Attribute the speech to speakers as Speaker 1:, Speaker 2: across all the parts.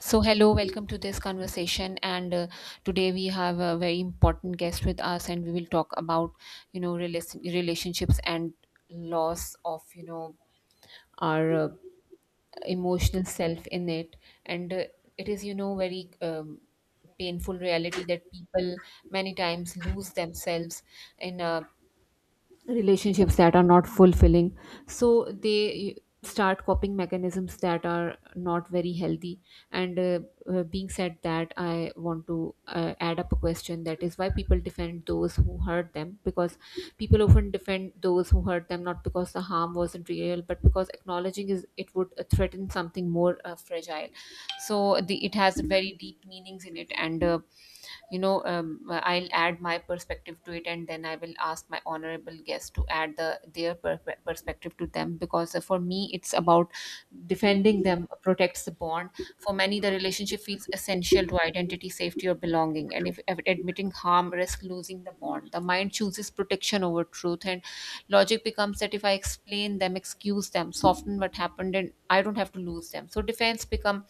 Speaker 1: So, hello, welcome to this conversation. And today we have a very important guest with us, and we will talk about, relationships and loss of, our emotional self in it. And it is, very painful reality that people many times lose themselves in relationships that are not fulfilling, so they start coping mechanisms that are not very healthy, and being said that, I want to add up a question that is, why people defend those who hurt them? Because people often defend those who hurt them not because the harm wasn't real, but because acknowledging is it would threaten something more fragile. So the it has very deep meanings in it, and I'll add my perspective to it, and then I will ask my honorable guests to add their perspective to them. Because for me, it's about defending them protects the bond. For many, the relationship feels essential to identity, safety, or belonging, and if admitting harm risks losing the bond, the mind chooses protection over truth, and logic becomes that if I explain them, excuse them, soften what happened, and I don't have to lose them, so defense become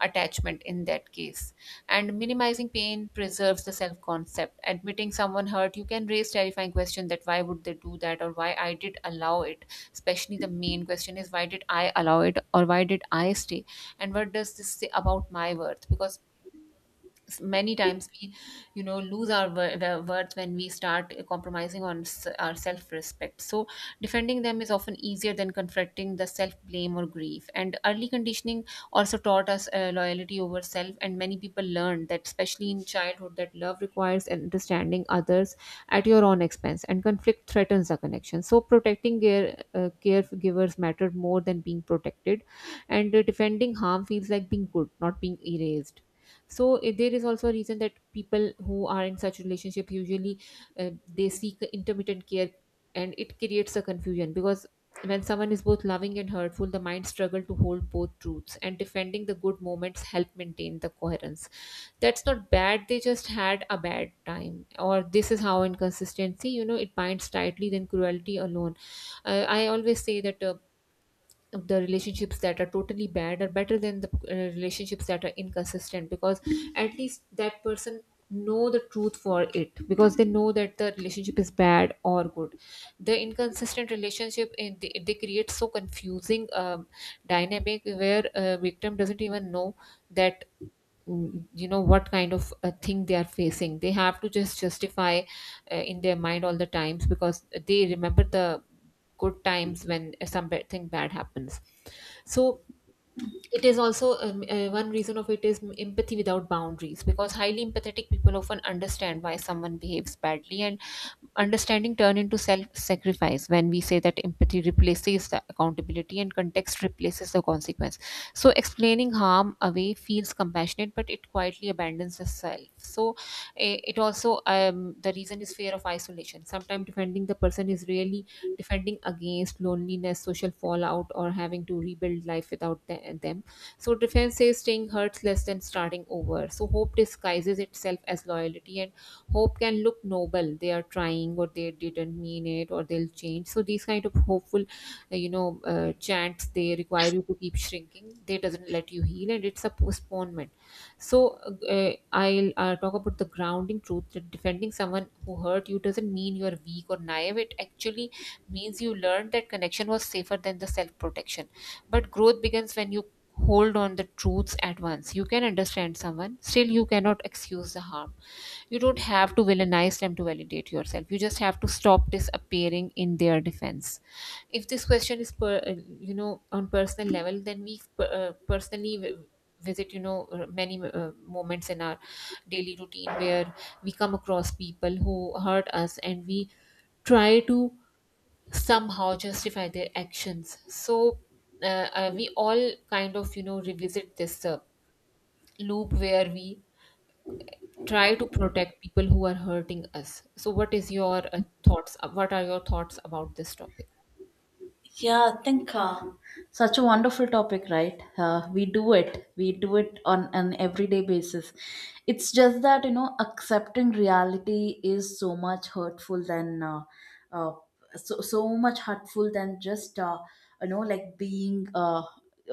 Speaker 1: attachment in that case. And minimizing pain preserves the self concept. Admitting someone hurt you can raise terrifying question that why would they do that, or why I did allow it. Especially the main question is, why did I allow it, or why did I stay? And what does this say about my worth? Because many times we, lose our the worth when we start compromising on our self-respect. So defending them is often easier than confronting the self-blame or grief. And early conditioning also taught us loyalty over self, and many people learned that, especially in childhood, that love requires an understanding others at your own expense, and conflict threatens the connection, so protecting caregivers mattered more than being protected. And defending harm feels like being good, not being erased. So there is also a reason that people who are in such relationship usually, they seek intermittent care, and it creates a confusion. Because when someone is both loving and hurtful, the mind struggle to hold both truths, and defending the good moments help maintain the coherence. That's not bad, they just had a bad time, or this is how inconsistency, you know, it binds tightly than cruelty alone. I always say that, the relationships that are totally bad are better than the relationships that are inconsistent, because at least that person know the truth for it, because they know that the relationship is bad or good. The inconsistent relationship, they create so confusing dynamic where a victim doesn't even know that, you know, what kind of a thing they are facing. They have to just justify in their mind all the times, because they remember the good times when something bad happens. So it is also, one reason of it is empathy without boundaries, because highly empathetic people often understand why someone behaves badly, and understanding turn into self sacrifice when we say that empathy replaces the accountability and context replaces the consequence. So explaining harm away feels compassionate, but it quietly abandons the self. So it also, the reason is fear of isolation. Sometimes defending the person is really defending against loneliness, social fallout, or having to rebuild life without them. So defense says staying hurts less than starting over. So hope disguises itself as loyalty, and hope can look noble. They are trying, or they didn't mean it, or they'll change. So these kind of hopeful, chants, they require you to keep shrinking. They doesn't let you heal, and it's a postponement. So uh, I'll talk about the grounding truth that defending someone who hurt you doesn't mean you're weak or naive. It actually means you learned that connection was safer than the self protection. But growth begins when you hold on the truths at once. You can understand someone, still, you cannot excuse the harm. You don't have to villainize them to validate yourself. You just have to stop disappearing in their defense. If this question is, you know, on personal level, then we personally, visit, you know, many moments in our daily routine where we come across people who hurt us, and we try to somehow justify their actions. So uh, we all kind of, you know, revisit this loop where we try to protect people who are hurting us. So what is your thoughts? What are your thoughts about this topic?
Speaker 2: Yeah, I think such a wonderful topic, right? We do it. We do it on an everyday basis. It's just that, you know, accepting reality is so much hurtful than, uh, so much hurtful than just, you know, like being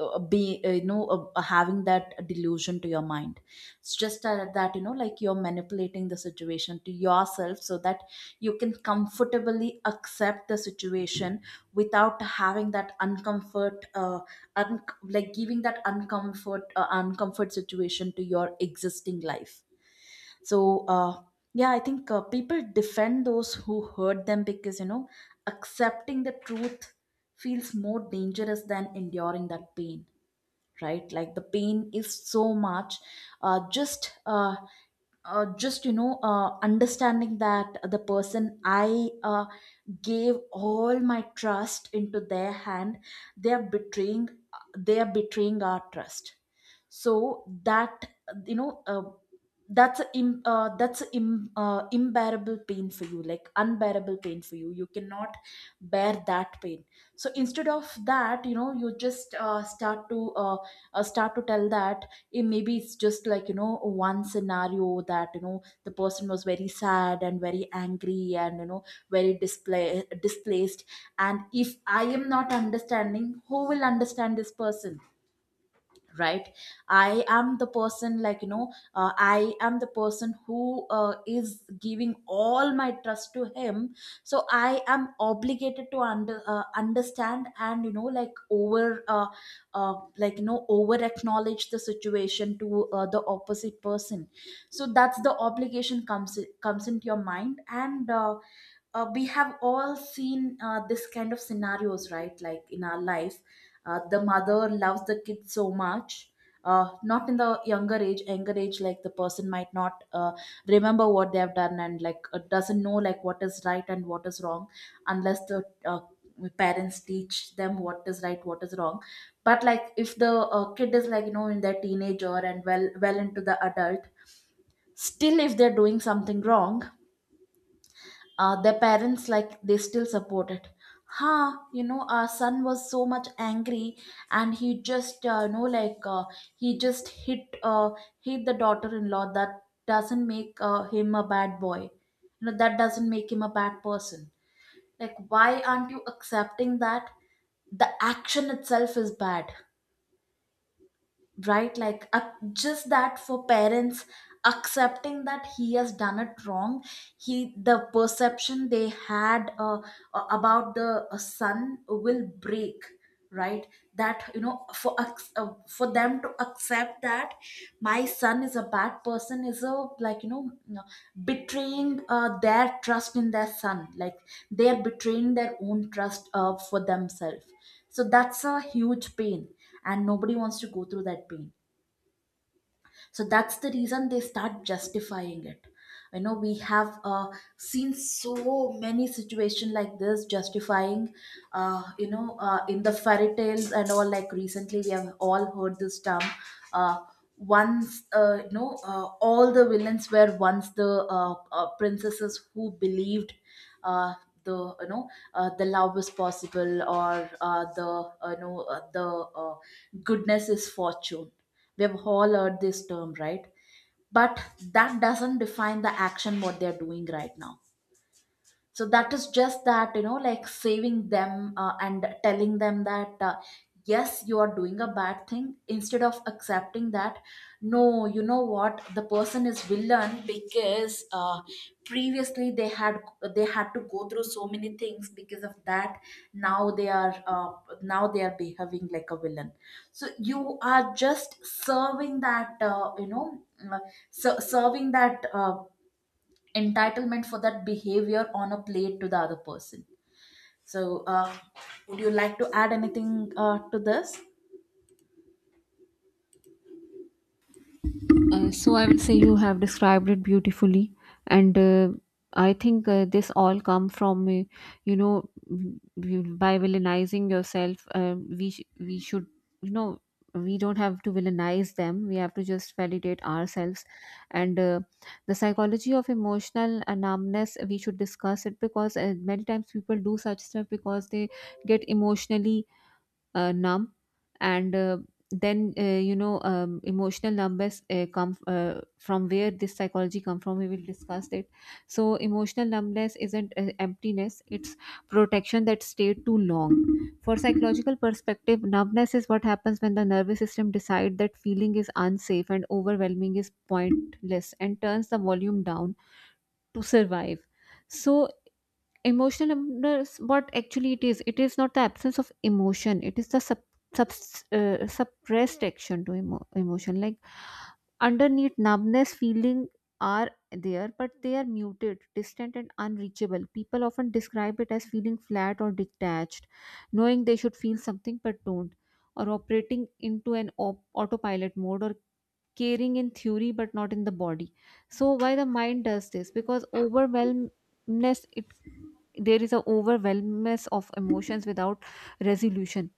Speaker 2: be you know having that delusion to your mind. It's just that you know like you're manipulating the situation to yourself so that you can comfortably accept the situation without having that uncomfort like giving that uncomfort uncomfort situation to your existing life. So yeah, I think people defend those who hurt them because you know accepting the truth feels more dangerous than enduring that pain. Right, like the pain is so much uh, just uh, just you know understanding that the person I gave all my trust into their hand. They are betraying, they are betraying our trust. So that you know that's that's a Im- unbearable pain for you, like unbearable pain for you. You cannot bear that pain. So instead of that, you know, you just start to tell that maybe it's just like, you know, one scenario that, you know, the person was very sad and very angry and you know very display displaced. And if I am not understanding, who will understand this person? Right? I am the person, like, you know, I am the person who is giving all my trust to him. So I am obligated to understand and, you know, like over like you know over acknowledge the situation to the opposite person. So that's the obligation comes into your mind. And we have all seen this kind of scenarios, right, like in our life. The mother loves the kid so much. Not in the younger age. Younger age, like the person might not remember what they have done, and like doesn't know like what is right and what is wrong unless the parents teach them what is right, what is wrong. But like if the kid is, like you know, in their teenager and well into the adult, still if they're doing something wrong, their parents, like, they still support it. Ha, you know, our son was so much angry and he just you know like he just hit hit the daughter-in-law. That doesn't make him a bad boy, you know, that doesn't make him a bad person. Like, why aren't you accepting that the action itself is bad? Right, like ac just that for parents accepting that he has done it wrong, he the perception they had about the son will break. Right? That, you know, for for them to accept that my son is a bad person is a, like, you know, uh, betraying their trust in their son. Like, they're betraying their own trust for themselves. So that's a huge pain, and nobody wants to go through that pain. So that's the reason they start justifying it. You know, we have seen so many situations like this justifying you know in the fairy tales and all. Like, recently we have all heard this term, uh, once you know all the villains were once the princesses who believed uh, the, you know, the love is possible, or the you know the uh, goodness is fortune. We have all heard this term, right? But that doesn't define the action what they're doing right now. So that is just that, you know, like saving them and telling them that yes, you are doing a bad thing, instead of accepting that no, you know what, the person is villain because previously they had, they had to go through so many things because of that. Now they are now they are behaving like a villain. So you are just serving that you know uh, serving that entitlement for that behavior on a plate to the other person. So, would you like to add anything to this?
Speaker 1: So I will say you have described it beautifully, and I think this all come from, by villainizing yourself. We should, you know, we don't have to villainize them. We have to just validate ourselves, and the psychology of emotional numbness, we should discuss it. Because many times people do such stuff because they get emotionally numb, and then you know, emotional numbness come from where, this psychology come from, we will discuss it. So emotional numbness isn't emptiness, it's protection that stayed too long. For psychological perspective, numbness is what happens when the nervous system decide that feeling is unsafe and overwhelming is pointless, and turns the volume down to survive. So emotional numbness, what actually it is, it is not the absence of emotion, it is the sub, sub suppressed action to emotion. Like, underneath numbness, feeling are there, but they are muted, distant, and unreachable. People often describe it as feeling flat or detached, knowing they should feel something but don't, or operating into an autopilot mode, or caring in theory but not in the body. So why the mind does this? Because overwhelmness, it there is a overwhelmness of emotions without resolution.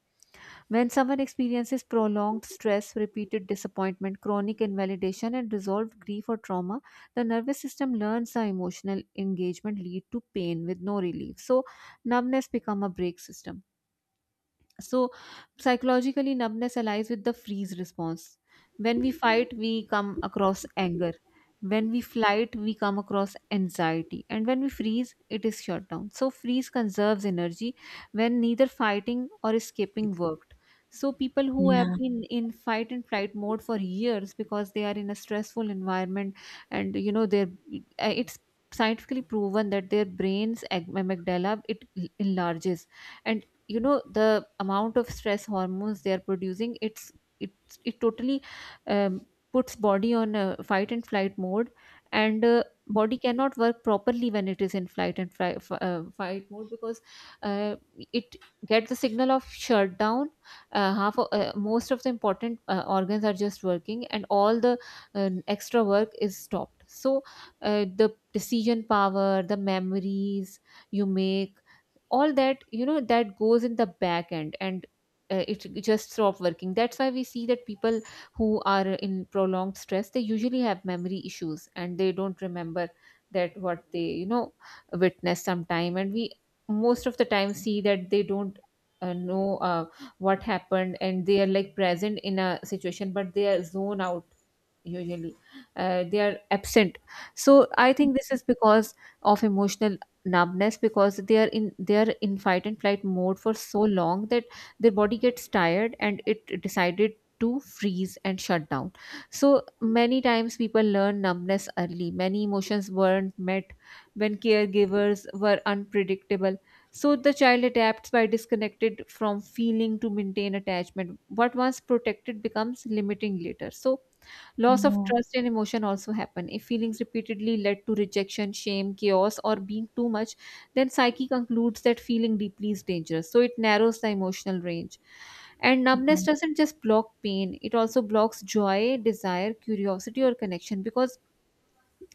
Speaker 1: When someone experiences prolonged stress, repeated disappointment, chronic invalidation, and resolved grief or trauma, the nervous system learns the emotional engagement lead to pain with no relief, so numbness become a break system. So, psychologically, numbness allies with the freeze response. When we fight, we come across anger. When we flight, we come across anxiety. And when we freeze, it is shut down. So, freeze conserves energy when neither fighting or escaping worked. So, people who have
Speaker 2: Yeah.
Speaker 1: been in fight and flight mode for years because they are in a stressful environment, and you know, their it's scientifically proven that their brain's amygdala, it enlarges, and you know, the amount of stress hormones they are producing, it's it totally, um, puts body on a fight and flight mode. And body cannot work properly when it is in flight and fight mode, because uh, it gets the signal of shutdown. Most of the important organs are just working, and all the extra work is stopped. So the decision power, the memories you make, all that, you know, that goes in the back end, and it just stop working. That's why we see that people who are in prolonged stress, they usually have memory issues, and they don't remember that what they, you know, witness sometime, and we most of the time see that they don't know what happened, and they are like present in a situation but they are zone out, usually they are absent. So I think this is because of emotional numbness, because they are in, they are in fight and flight mode for so long that their body gets tired, and it decided to freeze and shut down. So many times people learn numbness early. Many emotions weren't met when caregivers were unpredictable, so the child adapts by disconnected from feeling to maintain attachment. What once protected becomes limiting later. So loss of
Speaker 2: Yeah.
Speaker 1: trust and emotion also happen. If feelings repeatedly led to rejection, shame, chaos, or being too much, then psyche concludes that feeling deeply is dangerous. So it narrows the emotional range. And
Speaker 2: Yeah.
Speaker 1: numbness doesn't just block pain, it also blocks joy, desire, curiosity, or connection, because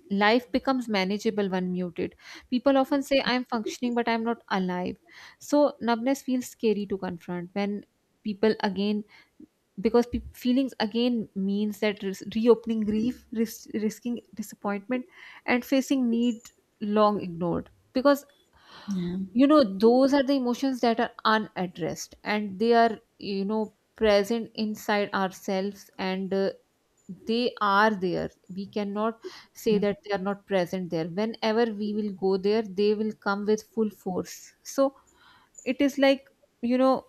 Speaker 1: life becomes manageable when muted. People often say, I'm functioning, but I'm not alive. So numbness feels scary to confront when people again because feelings again means that reopening grief risking disappointment and facing need long ignored because those are the emotions that are unaddressed and they are present inside ourselves. And they are there, we cannot say
Speaker 2: Yeah.
Speaker 1: that they are not present there. Whenever we will go there, they will come with full force. So it is like, you know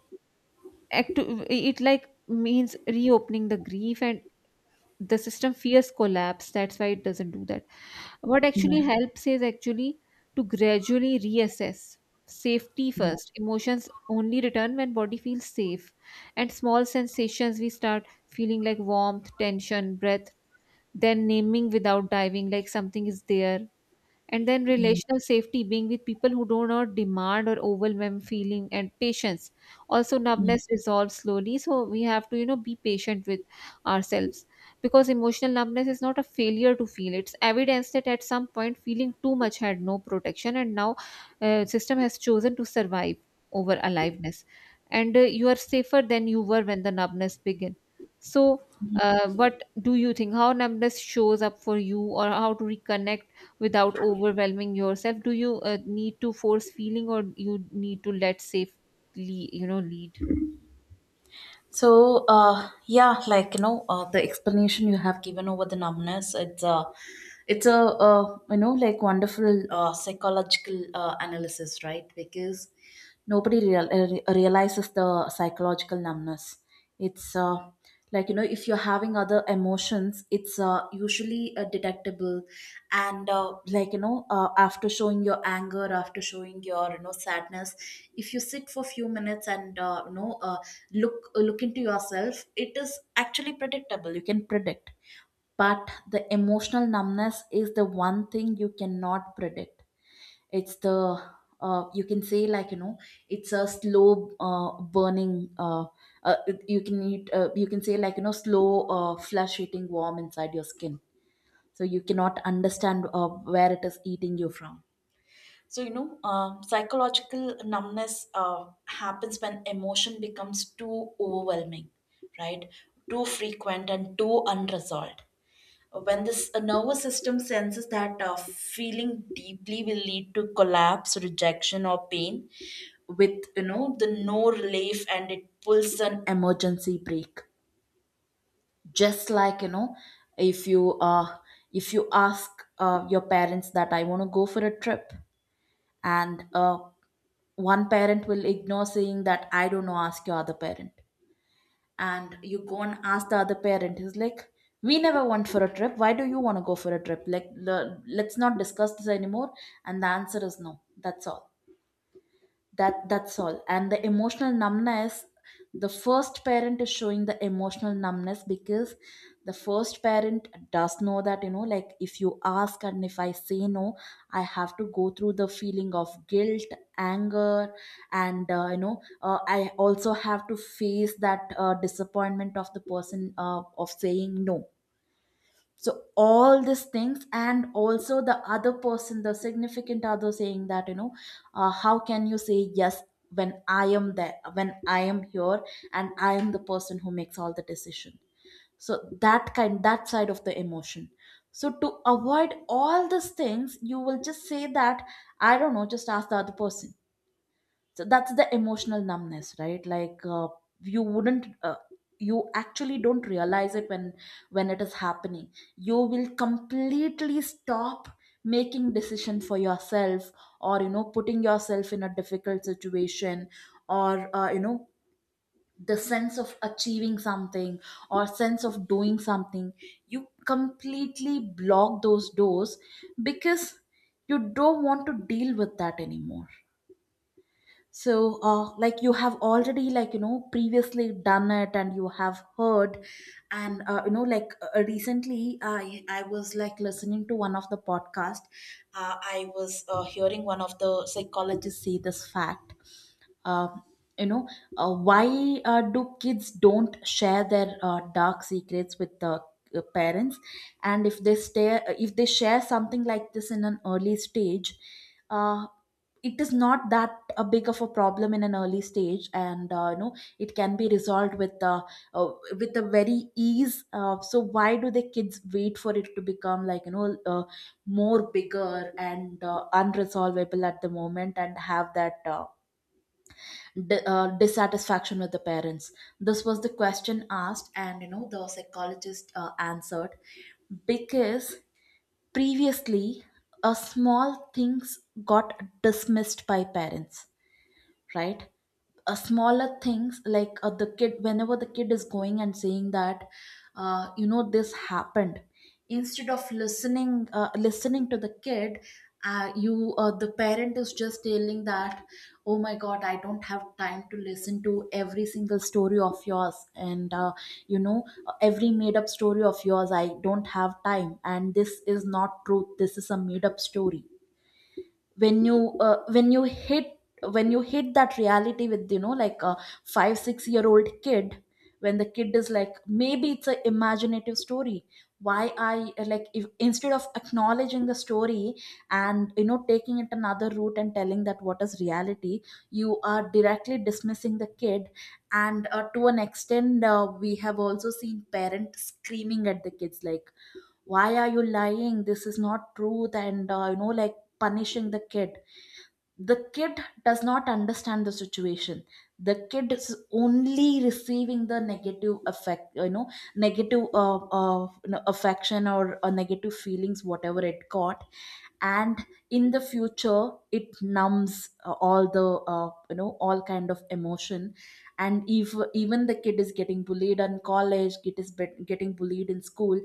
Speaker 1: it like means reopening the grief, and the system fears collapse, that's why it doesn't do that. What actually
Speaker 2: Yeah.
Speaker 1: helps is actually to gradually reassess safety
Speaker 2: Yeah.
Speaker 1: first. Emotions only return when body feels safe, and small sensations we start feeling like warmth, tension, breath, then naming without diving, like something is there, and then
Speaker 2: Yeah.
Speaker 1: relational safety, being with people who do not demand or overwhelm feeling, and patience. Also,
Speaker 2: Yeah.
Speaker 1: numbness resolves slowly, so we have to be patient with ourselves, because emotional numbness is not a failure to feel. It's evidence that at some point feeling too much had no protection, and now system has chosen to survive over aliveness. And you are safer than you were when the numbness began. So what do you think, how numbness shows up for you, or how to reconnect without overwhelming yourself? Do you need to force feeling, or you need to let safely, lead?
Speaker 2: So, yeah, like, you know, the explanation you have given over the numbness, it's a you know, like wonderful psychological analysis, right? Because nobody realizes the psychological numbness. It's like you know, if you're having other emotions, it's usually detectable, and like you know, after showing your anger, after showing your you know sadness, if you sit for few minutes and you know. Look look into yourself, it is actually predictable. You can predict. But the emotional numbness is the one thing you cannot predict. It's the you can say, like, you know, it's a slow burning uh, you can you can say, like, you know, slow flesh eating worm inside your skin. So you cannot understand where it is eating you from. So, you know, psychological numbness happens when emotion becomes too overwhelming, right? Too frequent and too unresolved. When this nervous system senses that feeling deeply will lead to collapse, rejection, or pain, with you know the no relief, and it pulls an emergency brake. Just like, you know, if you uh, if you ask your parents that I want to go for a trip, and one parent will ignore, saying that I don't know, ask your other parent. And you go and ask the other parent, he's like, we never went for a trip, why do you want to go for a trip, let's not discuss this anymore, and the answer is no, that's all. That's all. And the emotional numbness, the first parent is showing the emotional numbness because the first parent does know that, you know, like, if you ask and if I say no, I have to go through the feeling of guilt, anger, and you know I also have to face that disappointment of the person of saying no. So all these things, and also the other person, the significant other, saying that, you know, how can you say yes when I am there, when I am here, and I am the person who makes all the decision. So that kind, that side of the emotion. So to avoid all these things, you will just say that I don't know, just ask the other person. So that's the emotional numbness, right? Like you wouldn't uh, you actually don't realize it when it is happening. You will completely stop making decision for yourself, or, you know, putting yourself in a difficult situation, or you know, the sense of achieving something, or sense of doing something. You completely block those doors because you don't want to deal with that anymore. So like you have already, like, you know, previously done it, and you have heard, and you know like recently I was like listening to one of the podcast. I was hearing one of the psychologists say this fact. uh, you know why do kids don't share their dark secrets with the parents? And if they stay, if they share something like this in an early stage, uh, it is not that a big of a problem in an early stage, and you know it can be resolved uh, with a very ease. So why do the kids wait for it to become, like, you know, more bigger and unresolvable at the moment and have that dissatisfaction with the parents? This was the question asked. And you know the psychologist answered because previously a small things got dismissed by parents. Right? Smaller things, like the kid, whenever the kid is going and saying that you know this happened, instead of listening to the kid, you the parent is just telling that, oh my god, I don't have time to listen to every single story of yours, and you know every made up story of yours, I don't have time, and this is not truth, this is a made up story. When you when you hit that reality with, you know, like a 5 6 year old kid, when the kid is like, maybe it's a imaginative story. Why I like, if instead of acknowledging the story and you know taking it another route and telling that what is reality, you are directly dismissing the kid. And to an extent We have also seen parents screaming at the kids like, why are you lying? This is not truth. And like punishing the kid. The kid does not understand the situation. The kid is only receiving the negative effect. Negative affection or negative feelings, whatever it got. And in the future, it numbs all the all kind of emotion. And if even the kid is getting bullied in college, kid is getting bullied in school,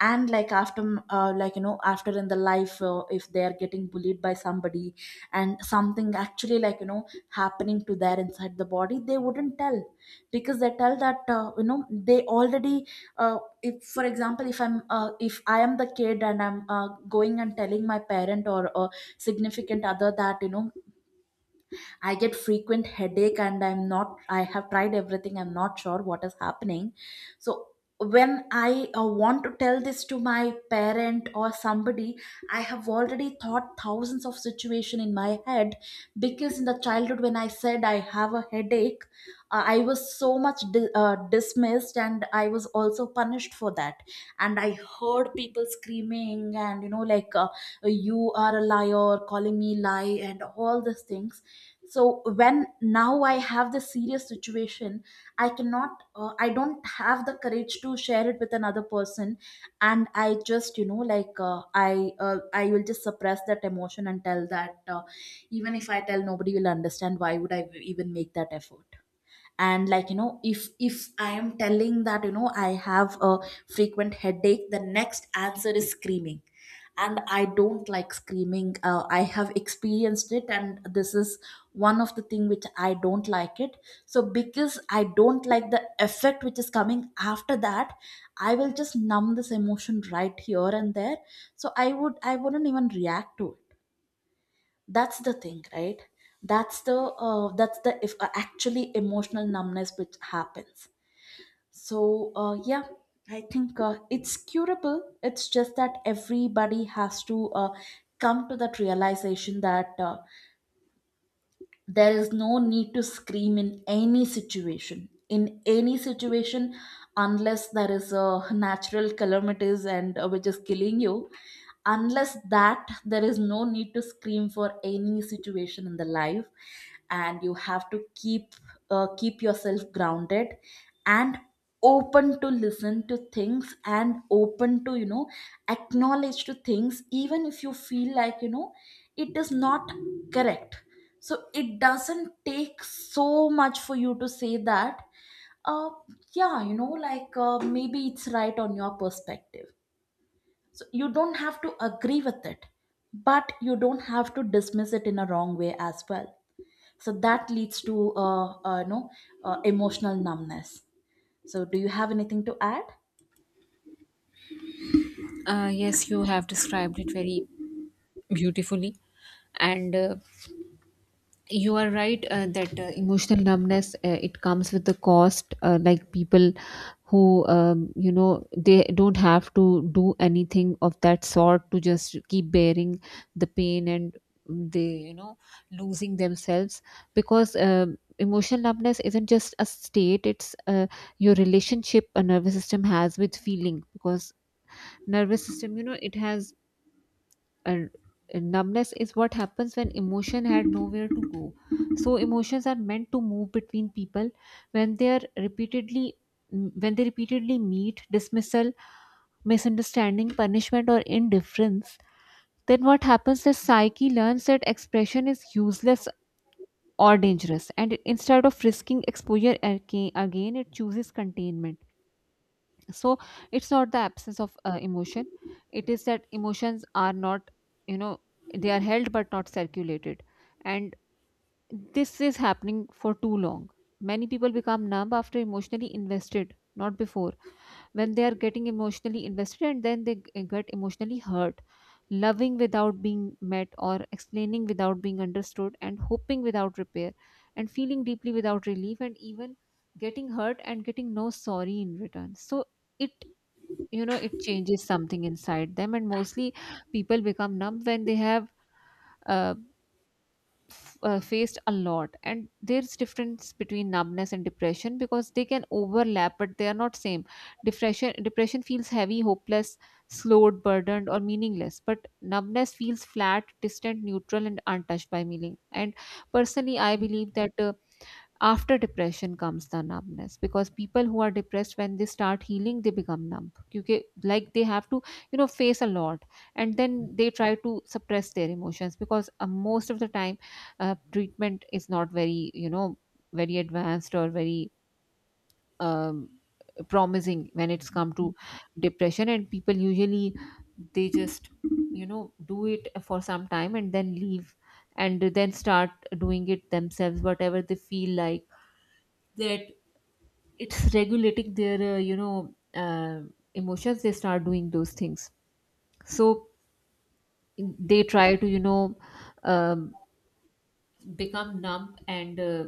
Speaker 2: and like after like you know after in the life, if they are getting bullied by somebody and something actually, happening to their inside the body, they wouldn't tell. Because they tell that they already, if for example, if I'm if I am the kid and I'm going and telling my parent or a significant other that, you know, I get frequent headache and I'm not I have tried everything, I'm not sure what is happening. So when I want to tell this to my parent or somebody, I have already thought thousands of situation in my head. Because in the childhood when I said I have a headache, I was so much dismissed and I was also punished for that. And I heard people screaming and, you know, like you are a liar, calling me lie, and all these things. So when now I have this serious situation, I cannot, I don't have the courage to share it with another person. And I just, you know, like I will just suppress that emotion and tell that even if I tell, nobody will understand, why would I even make that effort. And like, you know, if I am telling that, you know, I have a frequent headache, the next answer is screaming. And I don't like screaming. I have experienced it, and this is one of the thing which I don't like it. So because I don't like the effect which is coming after that, I will just numb this emotion right here and there. So I wouldn't even react to it. That's the thing, right? That's the if Actually, emotional numbness, which happens. So yeah, I think it's curable. It's just that everybody has to come to that realization that there is no need to scream in any situation, in any situation, unless there is a natural calamities and which is killing you. Unless that, there is no need to scream for any situation in the life. And you have to keep keep yourself grounded and open to listen to things, and open to, you know, acknowledge to things, even if you feel like, you know, it is not correct. So it doesn't take so much for you to say that, uh yeah, you know, like maybe it's right on your perspective. So you don't have to agree with it, but you don't have to dismiss it in a wrong way as well. So that leads to emotional numbness. So do you have anything to add?
Speaker 1: Yes, you have described it very beautifully. And you are right that emotional numbness, it comes with the cost, like people who they don't have to do anything of that sort to just keep bearing the pain, and they losing themselves, because emotional numbness isn't just a state, it's your relationship a nervous system has with feeling, because nervous system, it has. And numbness is what happens when emotion had nowhere to go. So emotions are meant to move between people. When they are repeatedly, when they repeatedly meet dismissal, misunderstanding, punishment, or indifference, then what happens is psyche learns that expression is useless or dangerous, and instead of risking exposure again again, it chooses containment. So it's not the absence of emotion, it is that emotions are not, you know they are held but not circulated. And this is happening for too long. Many people become numb after emotionally invested, not before. When they are getting emotionally invested and then they get emotionally hurt, loving without being met, or explaining without being understood, and hoping without repair, and feeling deeply without relief, and even getting hurt and getting no sorry in return. So it, it changes something inside them. And mostly people become numb when they have uh, faced a lot. And there's difference between numbness and depression, because they can overlap but they are not same. Depression, depression feels heavy, hopeless, slowed, burdened, or meaningless, but numbness feels flat, distant, neutral, and untouched by meaning. And personally, I believe that after depression comes the numbness, because people who are depressed, when they start healing, they become numb, because like they have to face a lot. And then they try to suppress their emotions, because most of the time treatment is not very very advanced or very um, promising when it's come to depression. And people usually they just do it for some time and then leave, and then start doing it themselves, whatever they feel like. That it's regulating their emotions, they start doing those things. So they try to um, become numb and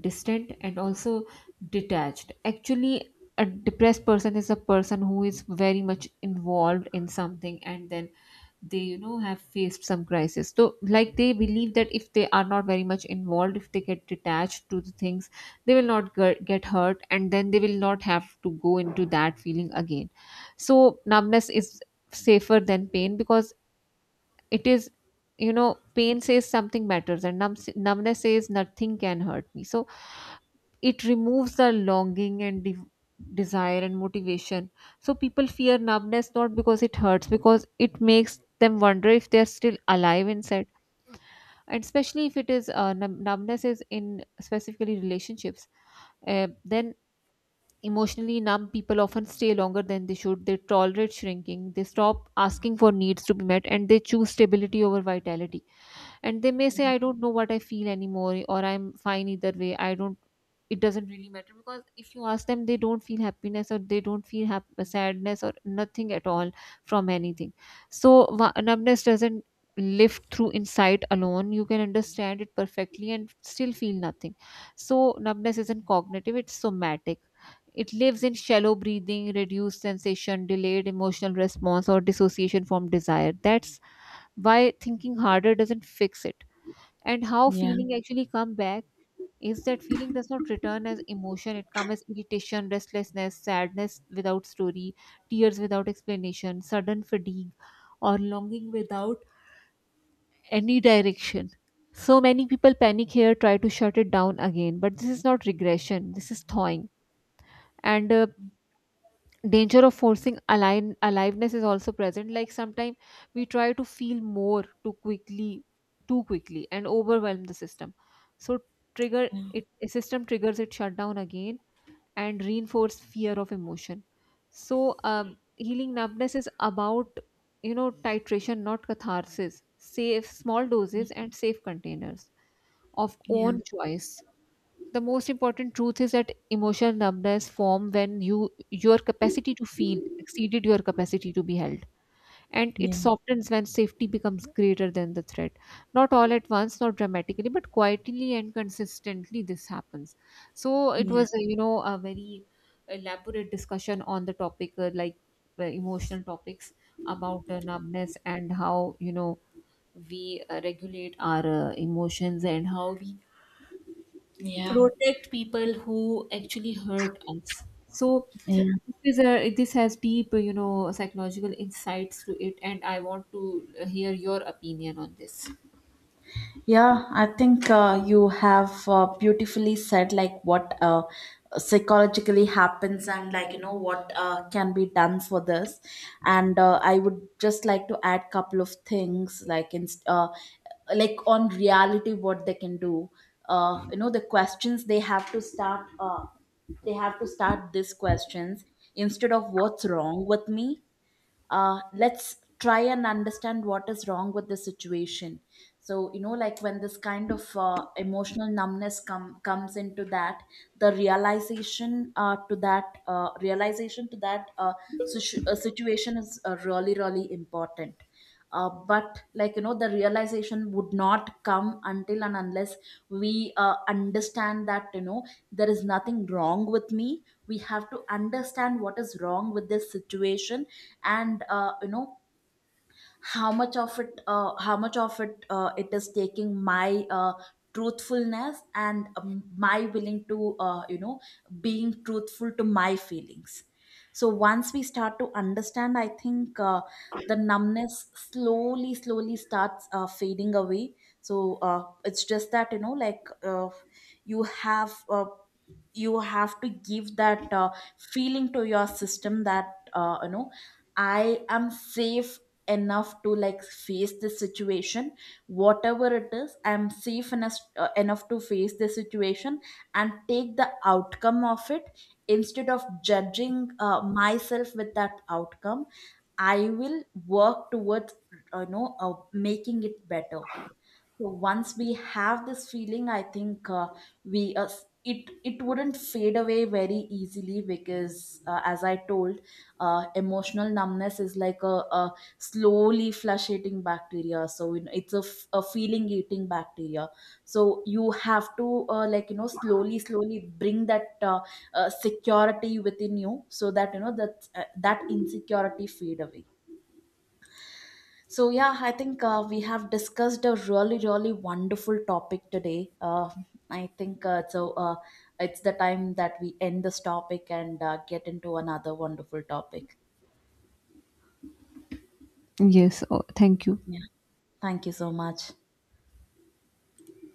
Speaker 1: distant and also detached. Actually, a depressed person is a person who is very much involved in something, and then they, have faced some crisis. So like they believe that if they are not very much involved, if they get detached to the things, they will not get hurt, and then they will not have to go into that feeling again. So numbness is safer than pain, because it is, pain says something matters, and numbness says nothing can hurt me. So it removes the longing and desire and motivation. So people fear numbness not because it hurts, because it makes them wonder if they're still alive inside. And especially if it is numbness is in specifically relationships, then emotionally numb people often stay longer than they should. They tolerate shrinking, they stop asking for needs to be met, and they choose stability over vitality. And they may say, I don't know what I feel anymore, or I'm fine either way, I don't, it doesn't really matter. Because if you ask them, they don't feel happiness, or they don't feel sadness, or nothing at all, from anything. So numbness doesn't live through insight alone. You can understand it perfectly and still feel nothing. So numbness isn't cognitive, it's somatic. It lives in shallow breathing, reduced sensation, delayed emotional response, or dissociation from desire. That's why thinking harder doesn't fix it. And how
Speaker 2: Yeah.
Speaker 1: feeling actually come back is that feeling does not return as emotion. It comes as irritation, restlessness, sadness without story, tears without explanation, sudden fatigue, or longing without any direction. So many people panic here, try to shut it down again, but this is not regression, this is thawing. And danger of forcing aliveness is also present. Like sometimes we try to feel more too quickly and overwhelm the system. So trigger it, a system triggers it shutdown again, and reinforce fear of emotion. So healing numbness is about, titration not catharsis, safe small doses and safe containers of
Speaker 2: Yeah.
Speaker 1: own choice. The most important truth is that emotional numbness form when you your capacity to feel exceeded your capacity to be held. And it
Speaker 2: Yeah.
Speaker 1: softens when safety becomes greater than the threat, not all at once, not dramatically, but quietly and consistently this happens. So it
Speaker 2: Yeah.
Speaker 1: was, a very elaborate discussion on the topic, like emotional topics about numbness and how, we regulate our emotions, and how we
Speaker 2: Yeah.
Speaker 1: protect people who actually hurt us. So
Speaker 2: Yeah.
Speaker 1: this is a, this has deep, psychological insights to it, and I want to hear your opinion on this.
Speaker 2: Yeah, I think you have beautifully said like what psychologically happens, and like, you know, what can be done for this. And I would just like to add couple of things, like in like on reality what they can do. You know, the questions they have to start. They have to start these questions, instead of what's wrong with me, let's try and understand what is wrong with the situation. So, you know, like when this kind of emotional numbness comes into that, the realization to that realization to that situation is really really important. But like, you know, the realization would not come until and unless we understand that, you know, there is nothing wrong with me. We have to understand what is wrong with this situation. And, you know, how much of it it is taking my truthfulness and my willing to, you know, being truthful to my feelings. So once we start to understand, I think the numbness slowly slowly starts fading away. So it's just that, you know, like you have uh, you have to give that feeling to your system that, you know, I am safe enough to like face this situation. Whatever it is, I'm safe enough, enough to face this situation and take the outcome of it, instead of judging myself with that outcome. I will work towards making it better. So once we have this feeling, I think it wouldn't fade away very easily, because as I told, emotional numbness is like a slowly flush-eating bacteria. So you know, it's a, a feeling-eating bacteria. So you have to, like you know, slowly, slowly bring that security within you, so that you know that that insecurity fade away. So yeah, I think we have discussed a really, really wonderful topic today. I think so. It's the time that we end this topic and get into another wonderful topic.
Speaker 1: Yes, oh, thank you.
Speaker 2: Yeah. Thank you so much.